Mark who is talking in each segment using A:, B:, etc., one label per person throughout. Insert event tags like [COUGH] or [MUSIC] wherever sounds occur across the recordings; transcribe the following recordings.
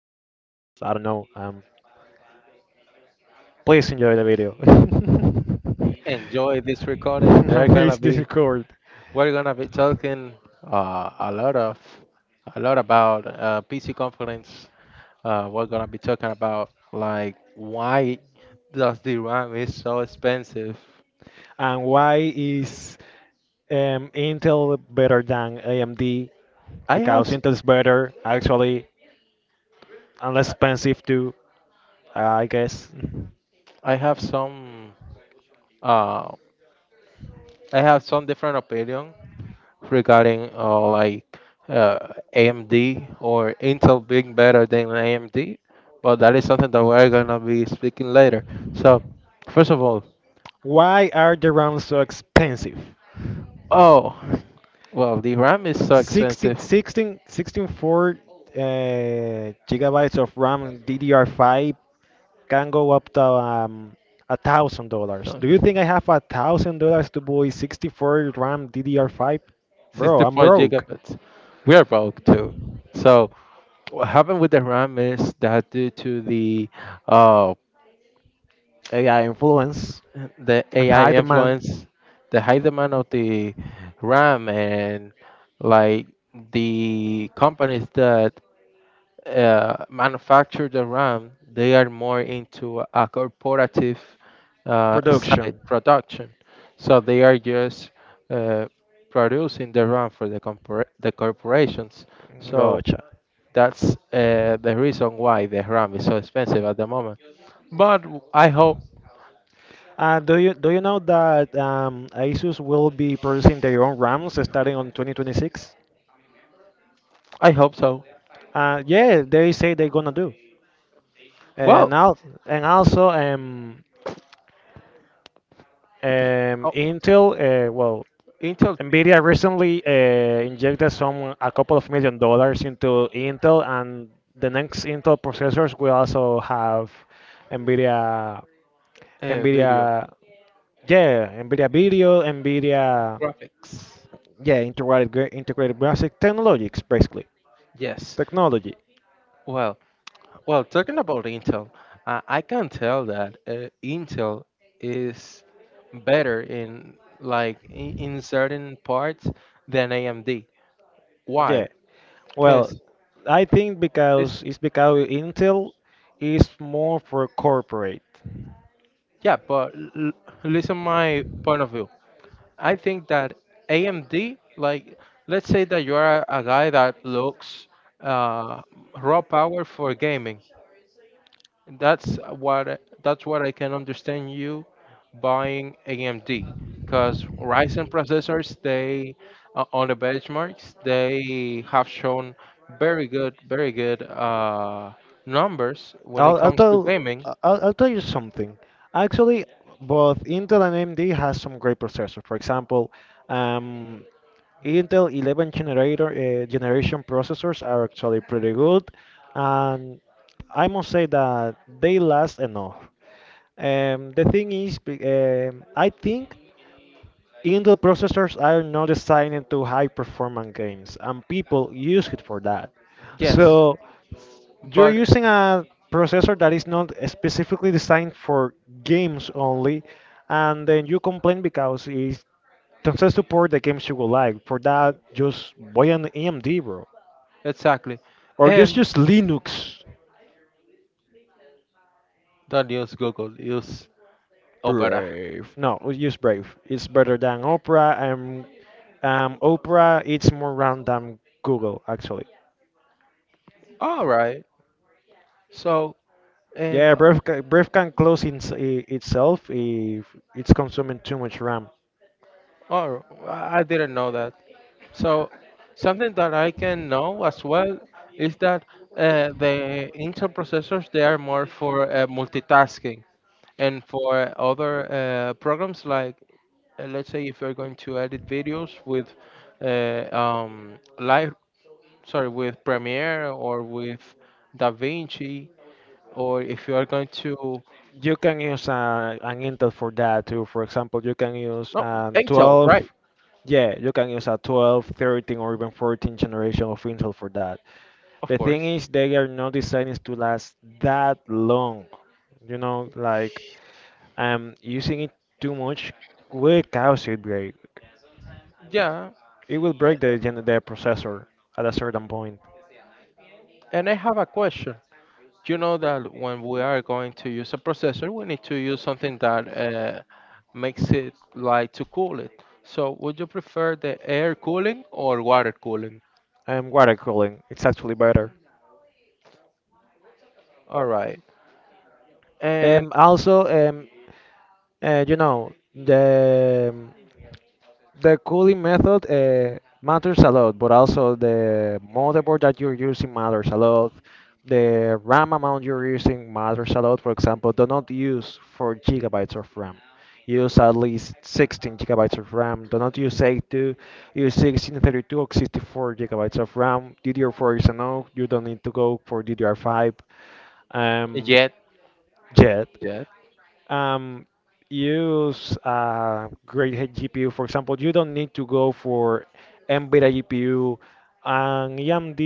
A: know. Please enjoy the video. [LAUGHS]
B: Enjoy this recording. We are gonna
A: Amaze
B: be
A: Discord.
B: we're gonna be talking uh, a lot of a lot about PC conference. We're gonna be talking about like why does the RAM is so expensive.
A: And why is Intel better than AMD?
B: I have
A: Because
B: s-
A: Intel's better, actually, and less expensive too, I guess.
B: I have some uh, I have some different opinion regarding like AMD or Intel being better than AMD, but that is something that we're gonna be speaking later. So. First of all,
A: Why are the RAMs so expensive?
B: oh, well, the RAM is so
A: 16,
B: expensive.
A: 16, 16.4 gigabytes of RAM DDR5 can go up to $1,000. Do you
B: Don't-
A: think I have $1,000 to buy 64 RAM DDR5?
B: [LAUGHS]
A: Bro, I'm
B: 64
A: broke.
B: gigabytes. We are broke too. So what happened with the RAM is that due to the uh,
A: AI influence
B: the
A: and
B: AI
A: high demand
B: influence, the high demand of the RAM and like the companies that manufacture the RAM, they are more into a corporative side
A: production.
B: production. So they are just uh, producing the RAM for the corporations. So
A: Gotcha.
B: that's the reason why the RAM is so expensive at the moment. I hope.
A: Do you know that ASUS will be producing their own RAMs starting on 2026?
B: I hope so.
A: Yeah, they say they're gonna do.
B: Well,
A: And al and also,
B: oh,
A: Intel, well,
B: Intel,
A: Nvidia recently injected some a couple of million dollars into Intel, and the next Intel processors will also have Nvidia,
B: video
A: Nvidia, yeah, Nvidia Video,
B: graphics.
A: yeah, integrated integrated graphic technologies, basically
B: Yes.
A: technology.
B: Well, Well, talking about Intel, I can tell that Intel is better in in certain parts than AMD. Why?
A: Yeah.
B: Because
A: Well, I think
B: this,
A: because it's because Intel is more for corporate.
B: yeah. Listen, my point of view. I think that AMD, like, let's say that you are a guy that looks uh, raw power for gaming. And that's what I can understand you buying AMD because Ryzen processors they on the benchmarks they have shown very good numbers when it
A: I'll, I'll
B: comes to
A: tell
B: gaming.
A: I'll tell you something. Actually, both Intel and AMD has some great processors. For example, um, Intel 11 generator generation processors are actually pretty good, and I must say that they last enough. The thing is, I think. Intel processors are not designed to high performance games, and people use it for that.
B: Yes,
A: So you're
B: but
A: using a processor that is not specifically designed for games only, and then you complain because it doesn't support the games you would like. For that, just buy an AMD, bro,
B: exactly,
A: or just
B: and
A: use Linux.
B: don't use Google, use Opera.
A: Brave. No, use Brave. It's better than Opera. And Opera it's more round than Google actually.
B: All right, so and
A: Yeah, Brave can close in itself if it's consuming too much RAM.
B: oh, I didn't know that. So something that I can know as well is that the Intel processors they are more for multitasking and for other programs like, let's say if you're going to edit videos with live sorry with Premiere or with DaVinci, or if you are going to,
A: You can use an Intel for that too. For example, you can use
B: no, Intel,
A: 12.
B: right,
A: Yeah, you can use a 12, 13, or even 14 generation of Intel for that.
B: of
A: The thing
B: course,
A: is, they are not designed to last that long. You know, like using it too much will cause it break.
B: yeah,
A: It will break the processor at a certain point.
B: and I have a question. You know that when we are going to use a processor, we need to use something that makes it like to cool it. So, would you prefer the air cooling or water cooling?
A: Water cooling, it's actually better.
B: All right. And
A: Also, you know, the cooling method matters a lot, but also the motherboard that you're using matters a lot. The RAM amount you're using matters a lot. For example, do not use 4 gigabytes of RAM. Use at least 16 gigabytes of RAM. Do not use 82. Use 16, 32 or 64 gigabytes of RAM. DDR4 is enough. You don't need to go for DDR5 um,
B: yet,
A: yet.
B: yet,
A: Um, use a great head GPU. For example, you don't need to go for NVIDIA GPU. An AMD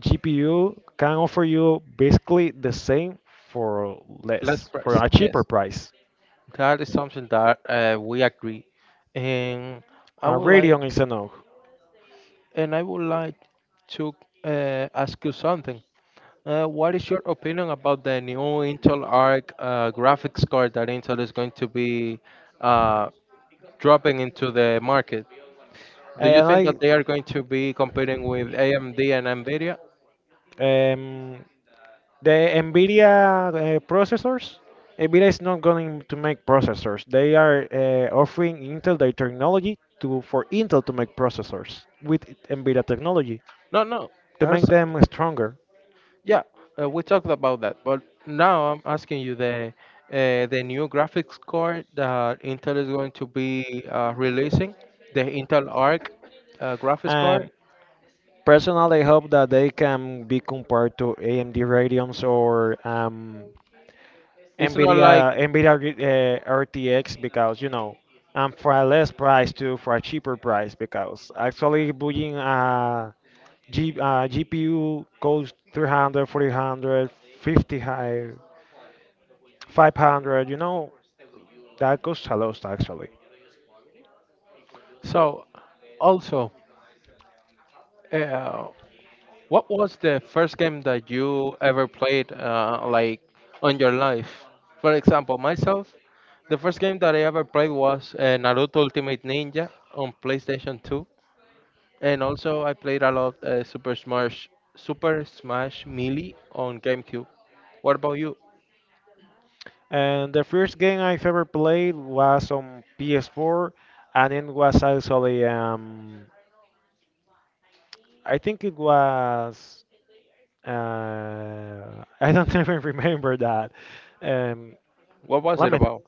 A: GPU can offer you basically the same for
B: less
A: less, for
B: price,
A: a
B: yes.
A: cheaper price.
B: That is something that we agree. And I
A: A
B: would like,
A: Radeon is a no.
B: and I would like to ask you something. What is your opinion about the new Intel Arc graphics card that Intel is going to be uh, dropping into the market? Do you
A: And
B: think
A: I
B: that they are going to be competing with AMD and Nvidia?
A: Um, the NVIDIA processors, NVIDIA is not going to make processors. They are offering Intel their technology to for Intel to make processors with NVIDIA technology
B: No, no.
A: to
B: That's
A: make them stronger.
B: yeah. We talked about that, but now I'm asking you the new graphics card that Intel is going to be releasing, the Intel Arc graphics card.
A: Um, personally, I hope that they can be compared to AMD Radeons or
B: It's not like
A: NVIDIA RTX because you know and for a less price too for a cheaper price because actually buying a GPU goes 300, 400, 50 high 500 you know that goes a lot actually.
B: so. Also, uh, what was the first game that you ever played, like on your life? For example, myself, the first game that I ever played was Naruto Ultimate Ninja on PlayStation 2, and also I played a lot Super Smash Melee on GameCube. What about you?
A: And the first game I've ever played was on PS4, and it was actually I think it was. I don't [LAUGHS] even remember that. Um,
B: What was
A: let
B: it
A: me think.
B: about?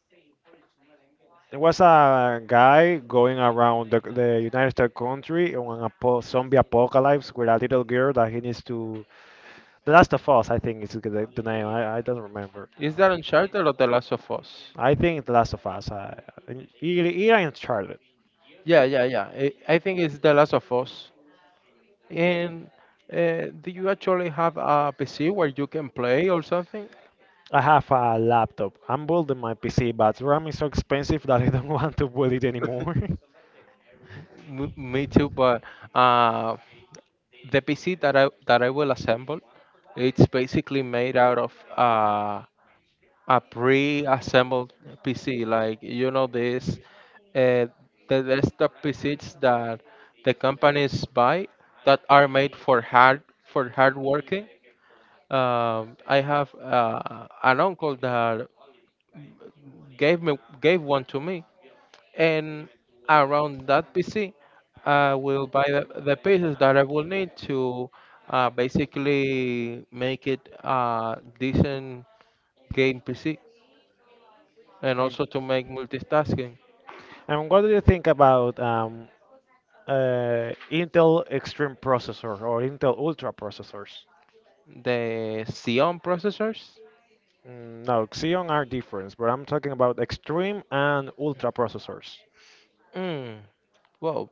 A: There was a guy going around the United States country on a po zombie apocalypse with a little girl that he needs to. The Last of Us, I think, is the name. I don't remember.
B: Is that Uncharted or The Last of Us?
A: I think The Last of Us. I Charlotte.
B: Yeah. I think it's The Last of Us. And do you actually have a PC where you can play or something?
A: I have a laptop. I'm building my PC, but RAM is so expensive that I don't [LAUGHS] want to build it anymore. [LAUGHS]
B: Me too, but uh, the PC that I will assemble, it's basically made out of a pre-assembled PC. Like you know this, uh, the desktop PCs that the companies buy that are made for hard working. I have an uncle that gave one to me, and around that PC, I will buy the pieces that I will need to basically make it a decent game PC and also to make multitasking.
A: And what do you think about Intel Extreme processor or Intel Ultra processors?
B: The Xeon processors,
A: Mm, no, Xeon are different, but I'm talking about Extreme and Ultra processors.
B: mm, well,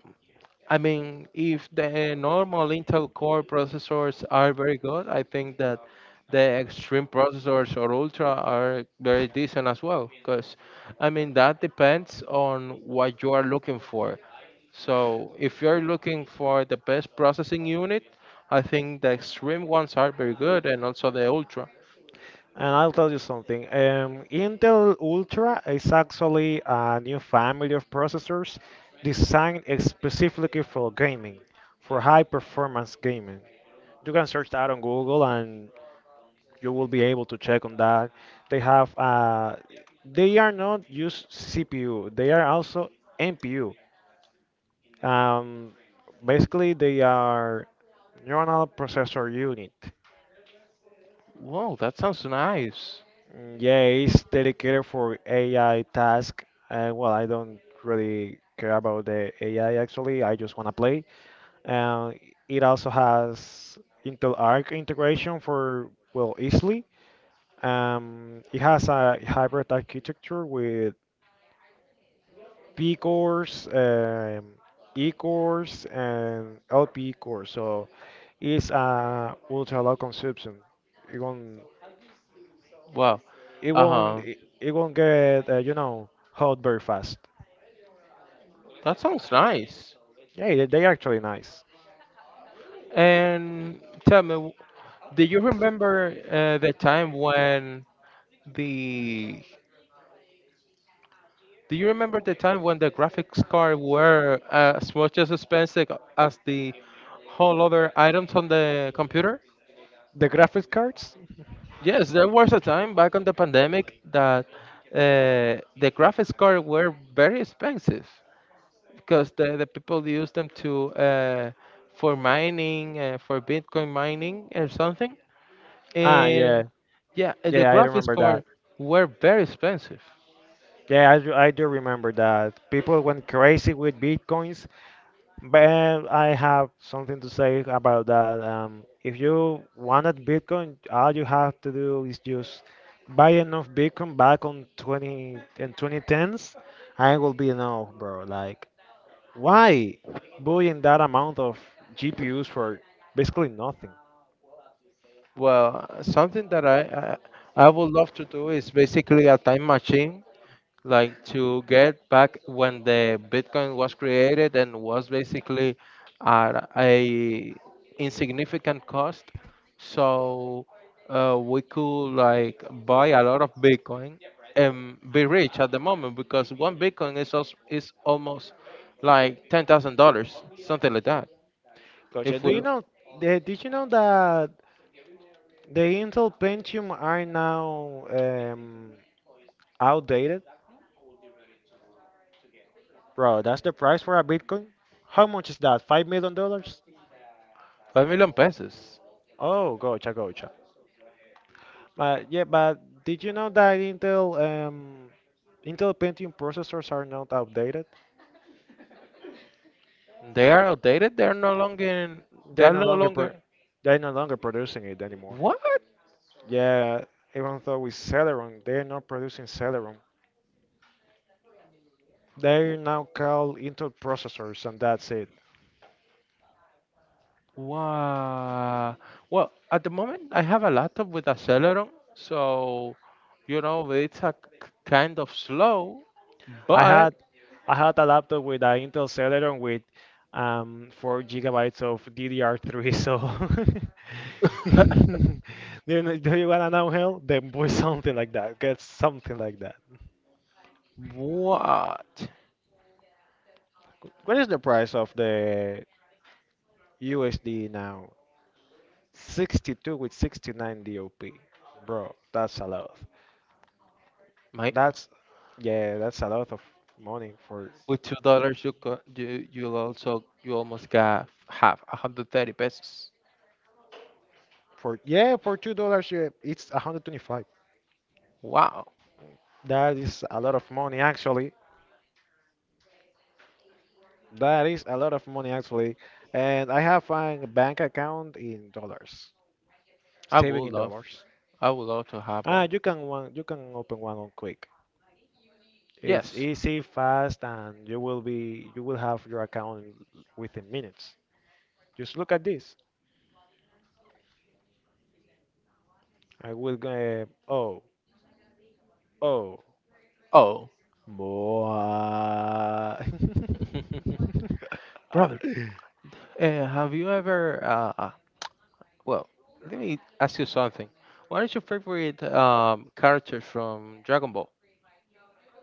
B: I mean, if the normal Intel Core processors are very good, I think that the Extreme processors or Ultra are very decent as well. Because, I mean, that depends on what you are looking for. So, if you're looking for the best processing unit, I think the Extreme ones are very good, and also the Ultra.
A: And I'll tell you something. Intel Ultra is actually a new family of processors designed specifically for gaming, for high performance gaming. You can search that on Google and you will be able to check on that. They have uh, they are not just CPU. They are also NPU. Um, basically, they are neural processor unit.
B: Wow, that sounds nice.
A: Mm, yeah, it's dedicated for AI task. Well, I don't really care about the AI actually. I just wanna play. Uh, it also has Intel Arc integration for well easily. It has a hybrid architecture with P course, E course, and LP course. So it's a ultra low consumption. It won't,
B: Wow.
A: it
B: Uh
A: won't,
B: huh.
A: it, it won't get you know hot very fast.
B: That sounds nice.
A: Yeah, they're actually nice.
B: And tell me, do you remember the time when the Do you remember the time when the graphics card were as much as expensive as the whole other items on the computer?
A: The graphics cards? [LAUGHS]
B: Yes, there was a time back on the pandemic that the graphics card were very expensive because the people used them to, for mining, for Bitcoin mining or something.
A: Ah, yeah,
B: And yeah, and the
A: yeah, I
B: graphics
A: remember
B: card
A: that.
B: were very expensive.
A: Yeah, I do remember that. People went crazy with bitcoins. But I have something to say about that. If you wanted Bitcoin, all you have to do is just buy enough Bitcoin back on 20 and 2010s, and it will be enough, bro. Like, why buying that amount of GPUs for basically nothing?
B: Well, something that I would love to do is basically a time machine, like to get back when the Bitcoin was created and was basically at a insignificant cost, so we could like buy a lot of Bitcoin and be rich at the moment, because one Bitcoin is also, is almost like $10,000, something like that.
A: Gotcha.
B: If
A: Do
B: we.
A: you know? Did you know that the Intel Pentium are now outdated? Bro, that's the price for a Bitcoin. How much is that? $5 million?
B: 5 million pesos.
A: Oh, gotcha, gotcha. But yeah, but did you know that Intel Pentium processors are not outdated?
B: They are outdated. They're no longer. In,
A: They're
B: they're
A: no
B: no
A: longer pro
B: longer.
A: they're no longer producing it anymore.
B: What?
A: Yeah, even though with Celeron, they're not producing Celeron. They're now called Intel processors, and that's it.
B: Wow. Well, at the moment, I have a laptop with Acceleron, so you know it's a kind of slow,
A: I
B: but
A: had I had a laptop with an Intel Celeron with 4 gigabytes of DDR3. So [LAUGHS]
B: [LAUGHS]
A: do you wanna know hell? Then buy something like that. Get something like that.
B: what?
A: What is the price of the USD now? 62 with 69 DOP. Bro, that's a lot.
B: My,
A: That's Yeah, that's a lot of money for
B: with $2, you co- you you'll also you almost got half a hundred 30 pesos.
A: For yeah, for $2, yeah, it's 125.
B: Wow.
A: That is a lot of money, actually. That is a lot of money, actually. And I have a bank account in dollars,
B: I
A: saving
B: would
A: in
B: love.
A: dollars.
B: I would love to have
A: Ah,
B: one.
A: you can open one on Quick. It's
B: Yes.
A: easy, fast, and you will have your account within minutes. Just look at this. I will go. Oh, oh,
B: Oh.
A: more. [LAUGHS]
B: [LAUGHS] Brother. Have you ever? Well, let me ask you something. What is your favorite character from Dragon Ball?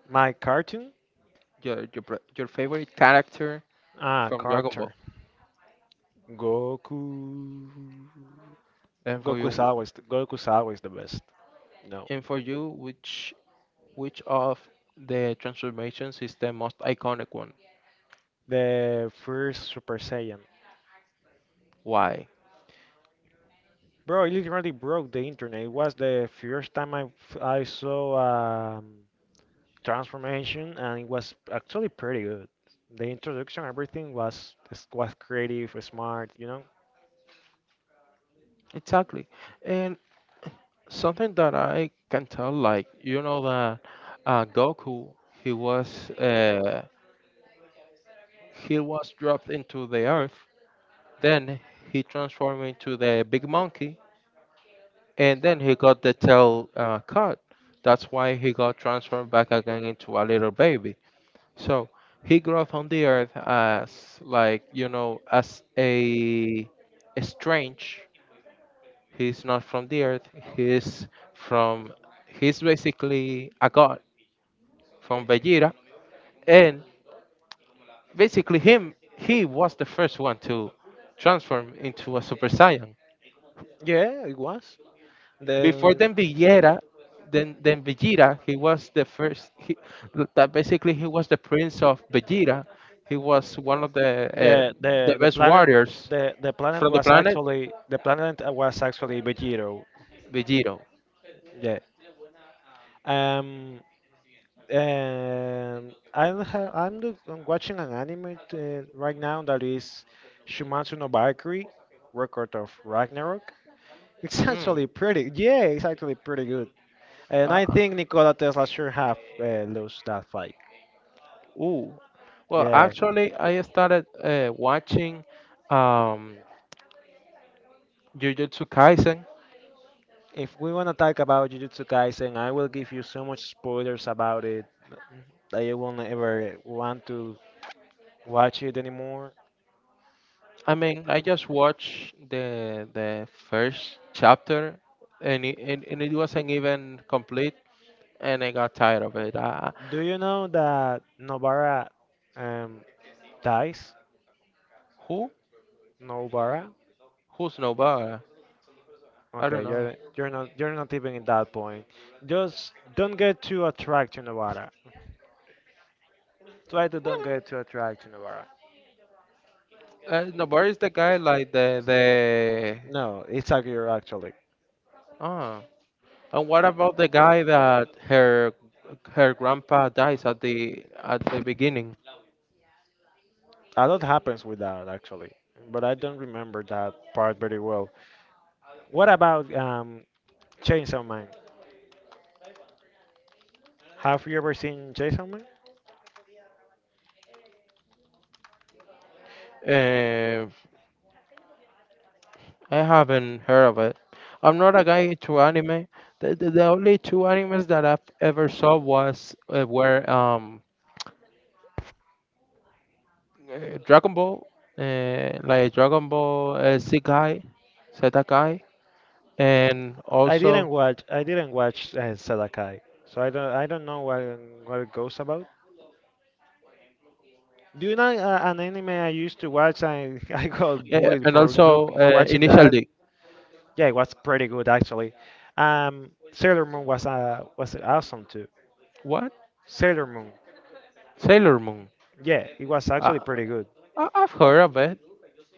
A: My cartoon
B: Your favorite character
A: Ah,
B: from Dragon Ball,
A: character. Goku.
B: and for you,
A: Goku is always the best. No,
B: and for you, which of the transformations is the most iconic one?
A: the first Super Saiyan.
B: Why?
A: Bro, it literally broke the internet. It was the first time I saw um, transformation, and it was actually pretty good. The introduction, everything was creative, smart, you know.
B: Exactly. And something that I can tell, like you know that Goku, he was uh, he was dropped into the earth. Then he transformed into the big monkey, and then he got the tail cut. That's why he got transformed back again into a little baby. So he grew up on the earth as, like, you know, as a strange. He's not from the earth. He's from, he's basically a god from Vegeta. And basically, him, he was the first one to transform into a Super Saiyan.
A: Yeah, it was.
B: Before
A: Then
B: then Villera, he was the first. He, that basically he was the prince of Villera. He was one of
A: The
B: the
A: the the
B: best
A: planet
B: warriors
A: the the planet
B: from the
A: was
B: planet
A: actually the planet uh, was actually Vegito.
B: Villiro.
A: Yeah. Um. And I ha I'm, look- I'm watching an anime right now that is Shumatsu no Valkyrie, Record of Ragnarok. [LAUGHS] It's
B: Mm.
A: actually pretty. Yeah, it's actually pretty good. And I
B: Uh,
A: think Nikola Tesla sure have lost that fight.
B: ooh. Well,
A: Yeah.
B: actually, I started watching um, Jujutsu Kaisen.
A: If we want to talk about Jujutsu Kaisen, I will give you so much spoilers about it that you won't ever want to watch it anymore.
B: I mean, I just watched the first chapter, and and it wasn't even complete, and I got tired of it.
A: Do you know that Nobara um, dies?
B: Who?
A: Nobara?
B: Who's Nobara? I
A: Okay,
B: don't know.
A: you're not even at that point. Just don't get too attracted to Nobara. Try to don't get too attracted to Nobara.
B: Nobara is the guy like the.
A: No, it's Akira actually.
B: Oh, and what about the guy that her grandpa dies at the beginning?
A: A lot happens with that actually, but I don't remember that part very well. What about Chainsaw Man? Have you ever seen Jason Man?
B: Uh, I haven't heard of it. I'm not a guy to anime. The only two animes that I've ever saw was were Dragon Ball, Dragon Ball Sekai, and also
A: I didn't watch Sedakai, so I don't. I don't know what it goes about. Do you know an anime I used to watch? I [LAUGHS] I got bullied for look for watching
B: Initial
A: that.
B: D.
A: Yeah, it was pretty good actually. Sailor Moon was awesome too.
B: What?
A: Sailor Moon.
B: Sailor Moon.
A: Yeah, it was actually
B: I,
A: pretty good.
B: I've heard of it.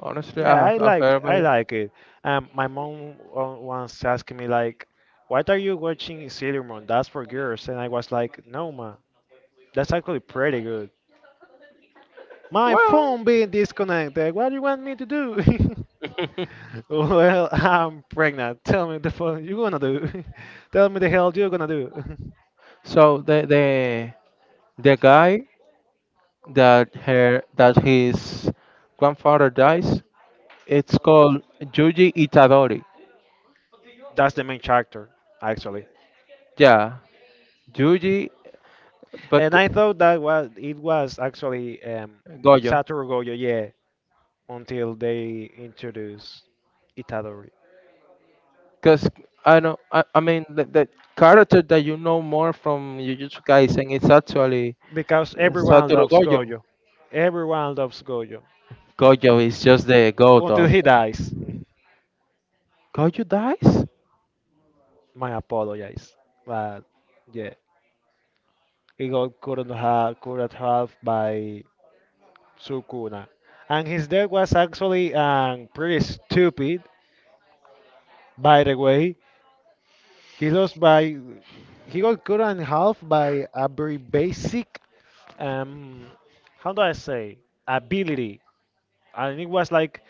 B: Honestly,
A: Yeah,
B: I've heard of
A: I
B: it.
A: like it. My mom once asked me like, "What are you watching Sailor Moon? That's for girls." And I was like, "No, ma. That's actually pretty good. My
B: Well,
A: phone being disconnected. What do you want me to do? [LAUGHS] Well, I'm pregnant. Tell me the phone you're gonna do. [LAUGHS] Tell me the hell you're gonna do.
B: [LAUGHS] so the guy that her that his grandfather dies. It's called Yuji Itadori.
A: [LAUGHS] That's the main character, actually.
B: Yeah, Yuji
A: And I
B: Bak-
A: thought that was it was actually
B: Gojo.
A: Satoru Gojo, yeah, until they introduced Itadori.
B: Because I know, I mean, the character that you know more from Jujutsu Kaisen is actually
A: Because everyone
B: Satoru
A: loves
B: Gojo.
A: Gojo. Everyone loves Gojo.
B: Gojo is just the god
A: Until
B: of.
A: he dies.
B: Gojo dies?
A: [LAUGHS] My apologies. But yeah. He got cut in half, cut at half by Sukuna. And his death was actually pretty stupid, by the way. He lost by. He got cut in half by a very basic, um, how do I say, ability. And it was like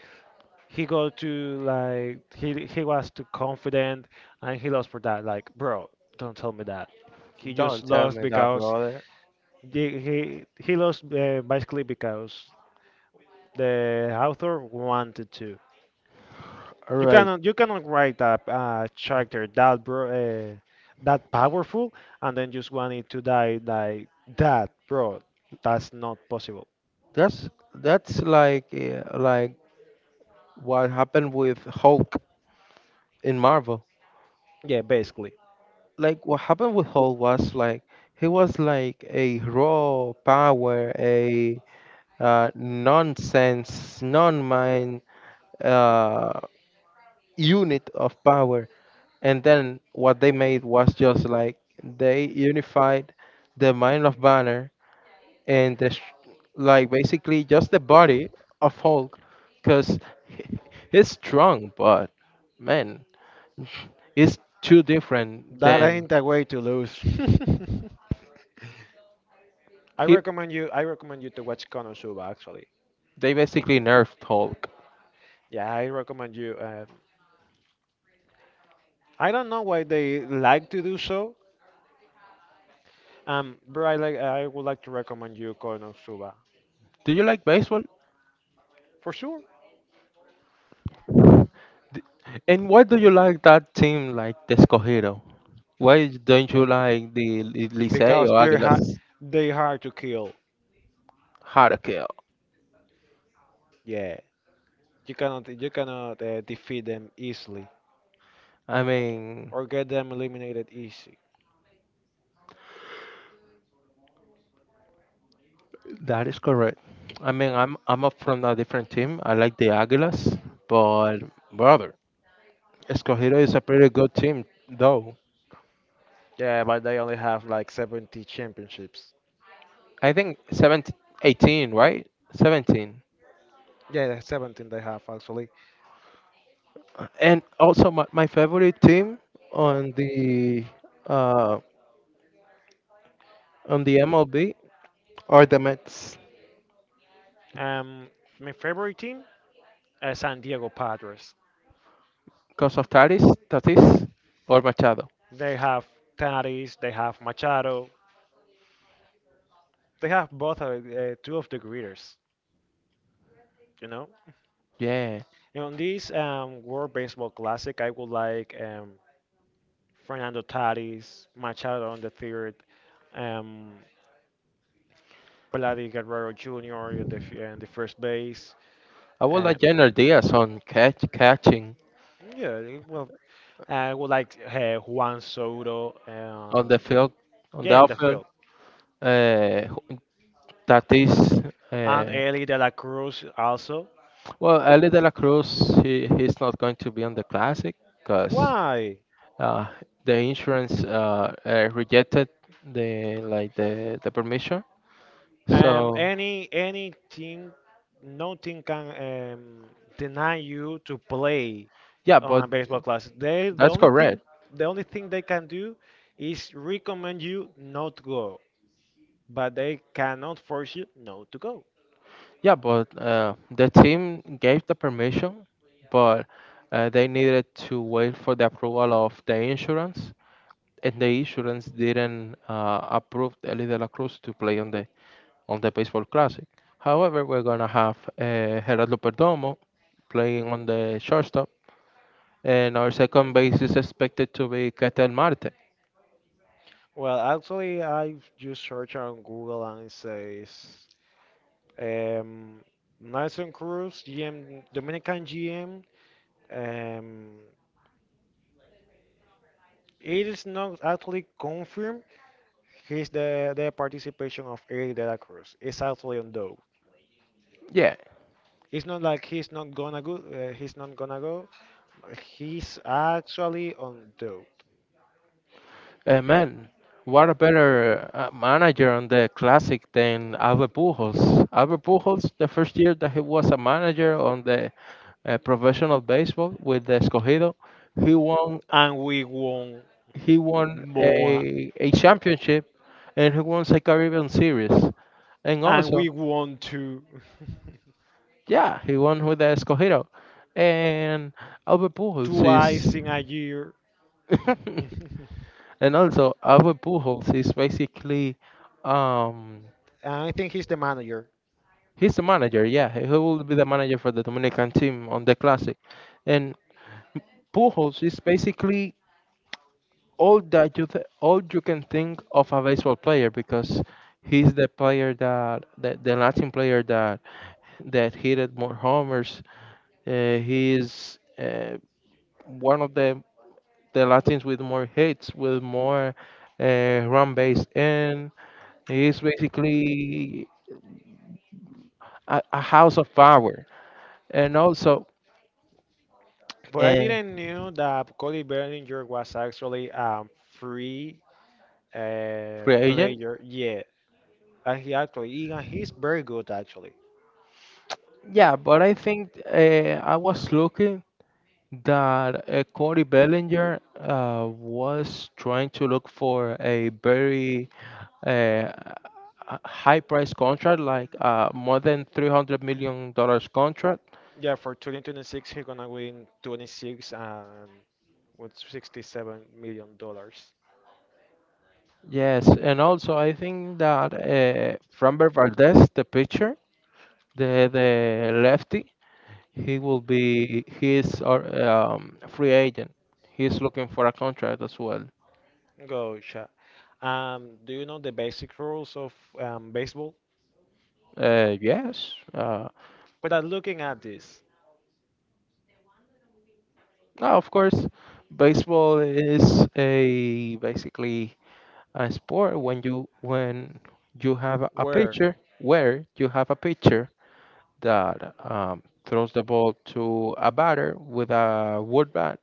A: he was too confident, and he lost for that. Like, bro, don't tell me that. He just
B: Don't tell
A: lost
B: me that,
A: because
B: brother.
A: he lost basically because the author wanted to.
B: All
A: You
B: right,
A: cannot you cannot write a character that bro that powerful and then just want it to die like that, bro. That's not possible.
B: that's that's like what happened with Hulk in Marvel.
A: Yeah, basically.
B: Like what happened with Hall was like he was like a raw power, a nonsense, non-mind uh, unit of power. And then what they made was just like they unified the mind of Banner and like basically just the body of Hulk, because [LAUGHS] he's strong, but man, it's too different
A: That
B: than
A: ain't a way to lose. [LAUGHS]
B: he.
A: I recommend you to watch Konosuba. Actually,
B: They basically nerfed Hulk.
A: yeah, I recommend you. I don't know why they like to do so. But I would like to recommend you Konosuba
B: Do you like baseball?
A: for sure.
B: And why do you like that team like the Escogido? Why don't you like Licey
A: Because
B: or Águilas
A: they hard to kill.
B: Harakeo?
A: Yeah, you cannot defeat them easily
B: I mean,
A: or get them eliminated easy.
B: that is correct. I mean, I'm up from a different team. I like the Águilas, but brother, Escogido is a pretty good team though.
A: Yeah, but they only have like 70 championships.
B: I think 17, 18, right? 17.
A: Yeah, that's 17 they have actually.
B: And also my favorite team on the uh on the MLB are the Mets.
A: Um, my favorite team is San Diego Padres.
B: Because of Tatis, Tatis or Machado.
A: They have Tatis, they have Machado, they have both two of the greaters, you know.
B: Yeah.
A: And on this World Baseball Classic, I would like Fernando Tatis, Machado on the third, um, Vladi Guerrero Jr. in the in the first base.
B: I would
A: Uh,
B: like Jenner Diaz on catch, catching
A: yeah, well, I would like Juan Soto.
B: on the field, on the
A: Yeah, in the
B: outfield.
A: field,
B: Uh, who- Tatis,
A: and
B: uh,
A: Eli De La Cruz also.
B: well, Ellie De La Cruz, he's not going to be on the Classic because
A: Why?
B: uh, the insurance rejected the like the permission.
A: Um,
B: So,
A: any any team, no team can deny you to play
B: yeah,
A: on
B: but
A: a baseball class. They the
B: that's
A: only thing
B: correct.
A: the only thing they can do is recommend you not to go, but they cannot force you not to go.
B: Yeah, but the team gave the permission, but they needed to wait for the approval of the insurance, and the insurance didn't approve Ellie De La Cruz to play on the baseball classic. However, we're gonna have Gerardo Perdomo playing on the shortstop, and our second base is expected to be Ketel Marte.
A: Well, actually, I just search on Google and it says um, Nelson Cruz GM Dominican GM. Um, it is not actually confirmed. He's the participation of Eddie De La Cruz. It's actually on though.
B: Yeah.
A: It's not like he's not gonna go. He's not gonna go. He's actually on dope,
B: Man, what a better manager on the Classic than Albert Pujols. Albert Pujols, the first year that he was a manager on the professional baseball with the Escogido, he won
A: and we want
B: he won
A: more,
B: a championship, and he won the Caribbean Series, and
A: and
B: also
A: we want to
B: yeah, he won with the Escogido, and Albert
A: [LAUGHS]
B: Pujols
A: twice
B: is,
A: in a year. [LAUGHS]
B: [LAUGHS] and also Albert Pujols is basically Um,
A: And I think he's the manager.
B: he's the manager, yeah. He will be the manager for the Dominican team on the Classic. And Pujols is basically all that all you can think of a baseball player because he's the player that the Latin player that hit it more homers. He is one of the Latins with more hits, with more run base, and he is basically a house of power. And also,
A: But I
B: uh,
A: didn't knew that Cody Bellinger was actually a free
B: free agent.
A: player. Yeah, and and he's very good actually.
B: Yeah, but I think I was looking that Cody Bellinger was trying to look for a very uh, high price contract, like more than $300 million dollars contract.
A: Yeah, for 2026, he's gonna win 26 and with 67 million dollars.
B: Yes, and also I think that Framber Valdez, the pitcher, the lefty, he will be his or free agent. He's looking for a contract as well.
A: Gotcha. Do you know the basic rules of baseball?
B: Yes.
A: Without looking at this,
B: No, of course, baseball is a basically a sport when you have a
A: where
B: pitcher that throws the ball to a batter with a wood bat,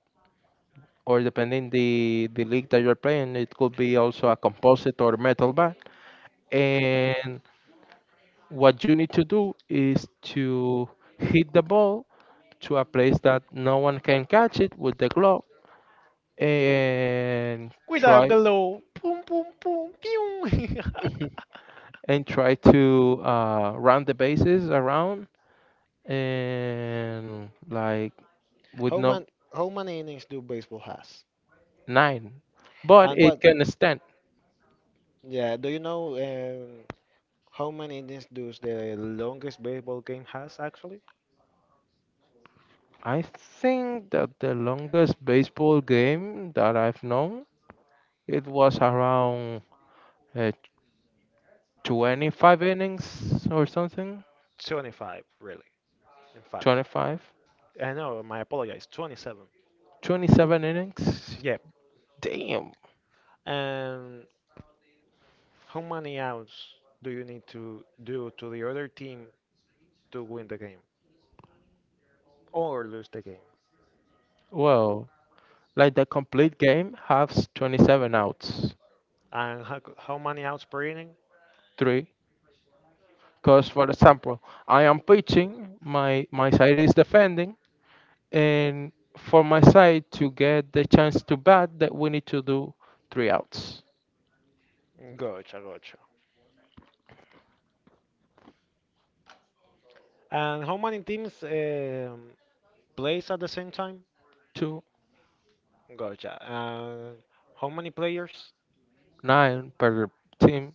B: or depending the league that you're playing, it could be also a composite or metal bat. And what you need to do is to hit the ball to a place that no one can catch it with the glove and
A: with a
B: try
A: glow, boom, boom, boom, pew.
B: [LAUGHS] and try to round the bases around and like
A: [LAUGHS]
B: with
A: how
B: no
A: man, how many innings do baseball has?
B: nine, but
A: And what?
B: it can stand.
A: Yeah, do you know how many innings does the longest baseball game has actually?
B: I think that the longest baseball game that I've known, it was around uh, 25 innings or something,
A: 25, really. In fact,
B: 25,
A: I know, my apologies, 27.
B: 27 innings.
A: Yeah.
B: Damn.
A: And how many outs do you need to do to the other team to win the game or lose the game?
B: Well, like the complete game has 27 outs.
A: And how many outs per inning?
B: Three. Because, for example, I am pitching, my side is defending, and for my side to get the chance to bat, that we need to do three outs.
A: Gotcha, gotcha. And how many teams plays at the same time?
B: Two.
A: Gotcha. And how many players
B: Nine per team.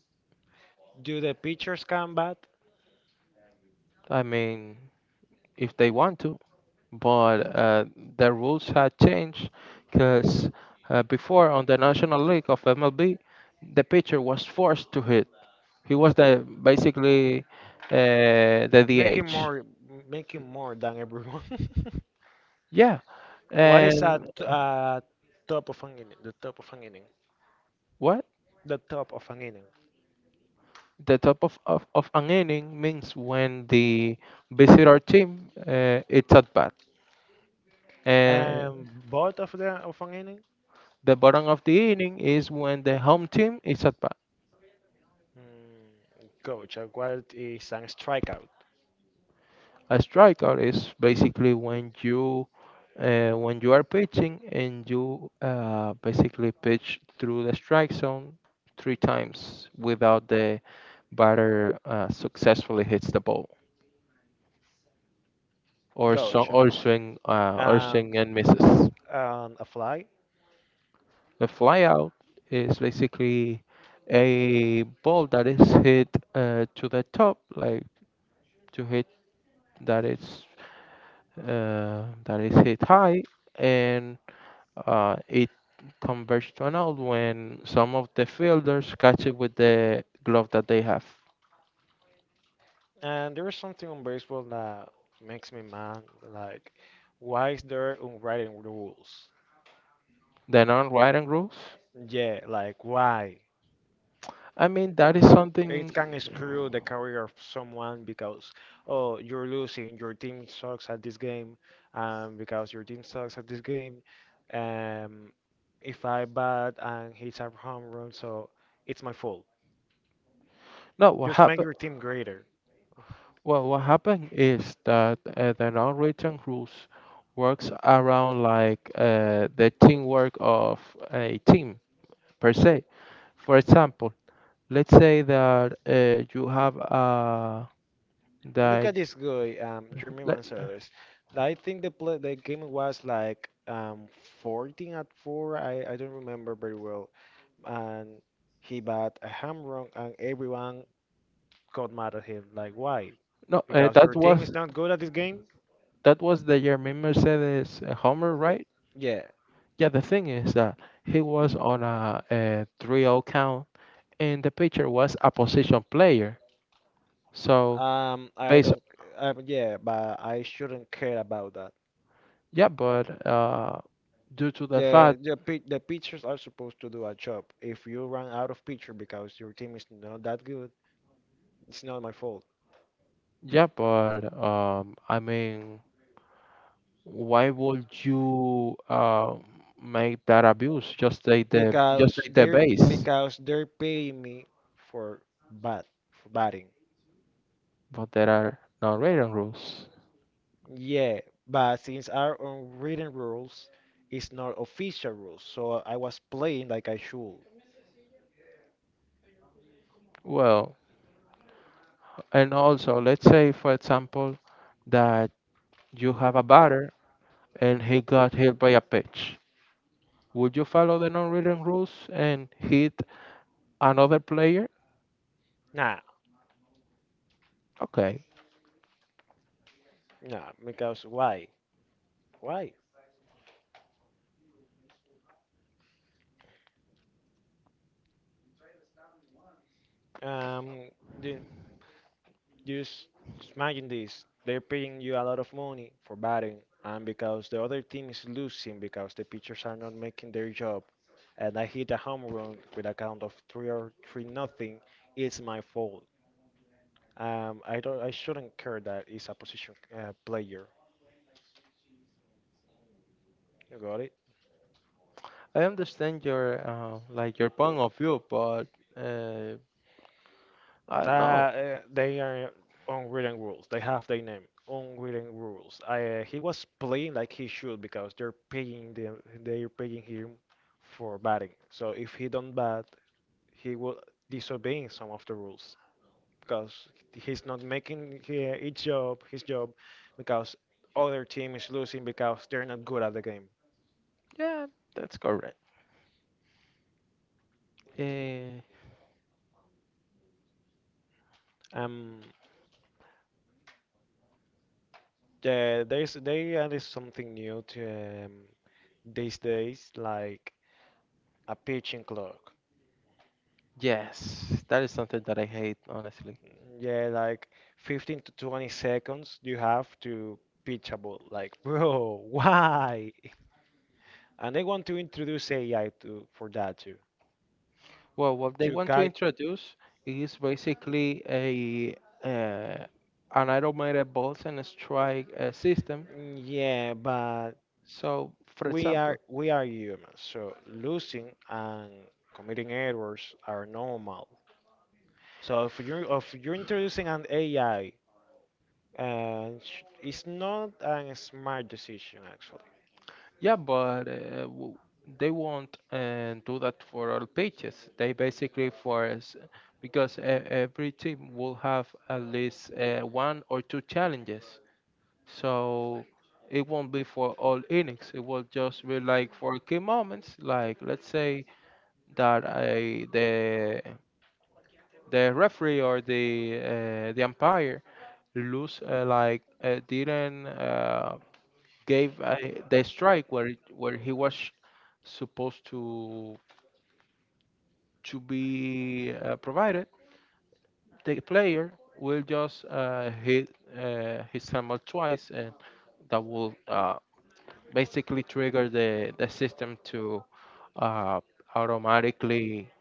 A: do the pitchers come bat?
B: I mean, if they want to, but the rules had changed because before on the National League of MLB, the pitcher was forced to hit. He was the basically the
A: Making
B: DH.
A: more, making more than everyone. [LAUGHS]
B: Yeah.
A: What is at
B: And
A: top of an inning? The top of an inning.
B: what?
A: The top of an inning.
B: The top of an inning means when the visitor team it's at bat, and
A: And both of the of an inning,
B: the bottom of the inning is when the home team is at bat.
A: mm, coach, what is a strikeout?
B: A strikeout is basically when you are pitching and you basically pitch through the strike zone three times without the batter successfully hits the ball or so
A: Coach,
B: or
A: and
B: swing and misses.
A: and a fly.
B: A flyout is basically a ball that is hit to the top, like to hit that is that is hit high, and it converts to an out when some of the fielders catch it with the glove that they have.
A: And there is something on baseball that makes me mad. Like, why is there unwritten rules?
B: The non-writing rules.
A: Yeah, like why?
B: I mean, that is
A: It
B: something.
A: can screw the career of someone because oh, you're losing, your team sucks at this game, and because your team sucks at this game, um if I bat and hits a home run, so it's my fault.
B: No, what
A: Just make
B: happened?
A: your team greater.
B: Well, what happened is that the non-written rules works around like the teamwork of a team per se. For example, let's say that you have
A: Look
B: that
A: at this guy, Jeremy
B: let,
A: Mansadas. I think the play the game was like 14 at 4, I don't remember very well, and he bat a home run and everyone got mad at him. Like, why?
B: no
A: Because your
B: that
A: team is
B: was
A: not good at this game?
B: that was the Jermaine Mercedes homer, right?
A: Yeah.
B: Yeah, the thing is that he was on a 3 oh count, and the pitcher was a position player. So,
A: I
B: based.
A: don't. Yeah, but I shouldn't care about that.
B: Yeah, but due to the
A: Yeah,
B: fact,
A: the pitchers are supposed to do a job. If you run out of pitcher because your team is not that good, it's not my fault.
B: yeah, but I mean, why would you make that abuse? Just take the, just
A: Because
B: take the
A: they're
B: base,
A: because they're paying me for bat for batting.
B: but there are no written rules.
A: Yeah, but since our unwritten rules is not official rules, so I was playing like I should.
B: Well, and also, let's say, for example, that you have a batter and he got hit by a pitch. Would you follow the non-written rules and hit another player?
A: Nah,
B: Okay.
A: nah, because why? Why? Um, the, just imagine this. They're paying you a lot of money for batting, and because the other team is losing because the pitchers are not making their job, and I hit a home run with a count of three or three nothing, it's my fault. I shouldn't care that it's a position player. You got
B: I understand your like your point of view, but uh, I don't know.
A: that they are unwritten rules. They have their name, unwritten rules. He was playing like he should because they're paying him for batting. So if he don't bat, he will disobeying some of the rules because he's not making his job because other team is losing because they're not good at the game.
B: Yeah, that's correct. Uh,
A: Um, yeah, there's they added something new to these days like a pitching clock.
B: yes, that is something that I hate, honestly.
A: Yeah, like 15 to 20 seconds you have to pitch a ball. Like, [LAUGHS] bro, why? And they want to introduce AI to for that too.
B: Well, what they
A: To
B: want to introduce is basically a uh, an automated balls and strike system.
A: yeah, but
B: So, for
A: we are
B: example,
A: we are humans, so losing and committing errors are normal. So if you if you're introducing an AI, it's not a smart decision actually.
B: yeah, but they won't do that for all pages. They basically for us because every team will have at least one or two challenges. So it won't be for all innings. It will just be like for key moments, like let's say that the referee or the umpire lose like didn't. Gave the strike where it, where he was supposed to be provided, the player will just hit his hammer twice, and that will basically trigger the system to uh, automatically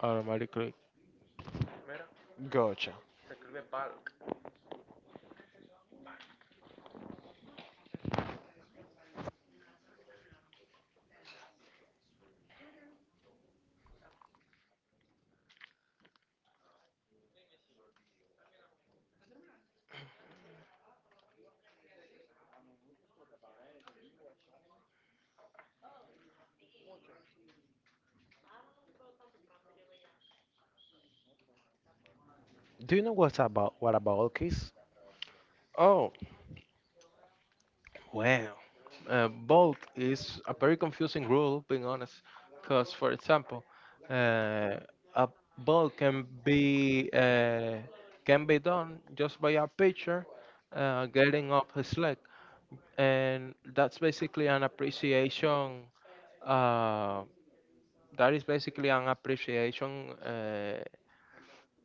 B: automatically.
A: Gotcha. Do you know what about Kiss?
B: Oh, well, bold is a very confusing rule, being honest, because, for example, uh, a bold can be done just by a pitcher getting up his leg, and that's basically an appreciation. Uh, that is basically an appreciation uh,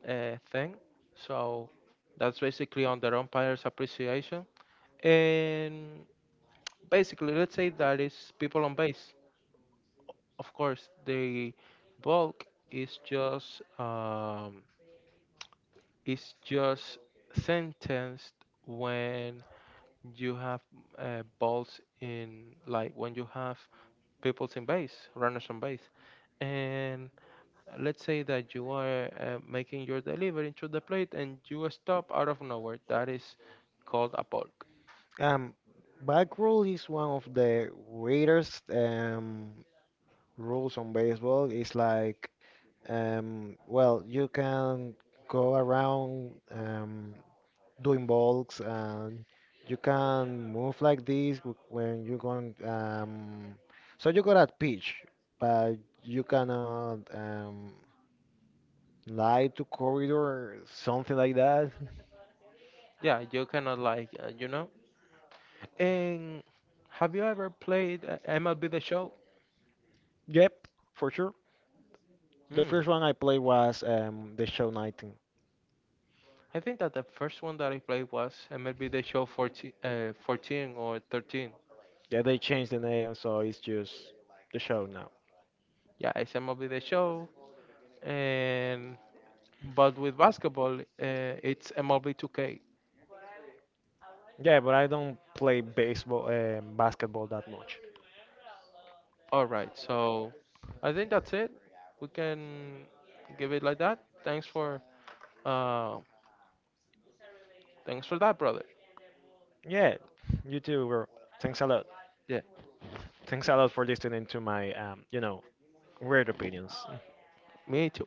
B: uh, thing. So that's basically on the umpire's appreciation, and basically, let's say that is people on base. Of course, the bulk is just um, is just sentenced when you have balls in, like when you have people's in base, runners on base, and let's say that you are making your delivery to the plate and you stop out of nowhere. That is called a bulk.
A: Um, Back rule is one of the weirdest rules on baseball. It's like well you can go around doing balks and you can move like this when you're going so you got at pitch but you cannot lie to corridor something like that.
B: Yeah, you cannot like you know. And have you ever played MLB The Show?
A: Yep, for sure. The
B: Mm.
A: first one I played was the show 19.
B: I think that the first one that I played was MLB The Show 14, 14 or 13.
A: Yeah, they changed the name, so it's just the show now.
B: Yeah, it's MLB The Show. And but with basketball, it's MLB 2K.
A: Yeah, but I don't play baseball, basketball that much.
B: All right, so I think that's it. We can give it like that. Thanks for uh, thanks for that, brother.
A: Yeah, you too, bro. Thanks a lot.
B: Yeah,
A: Thanks a lot for listening to my, weird opinions.
B: me too.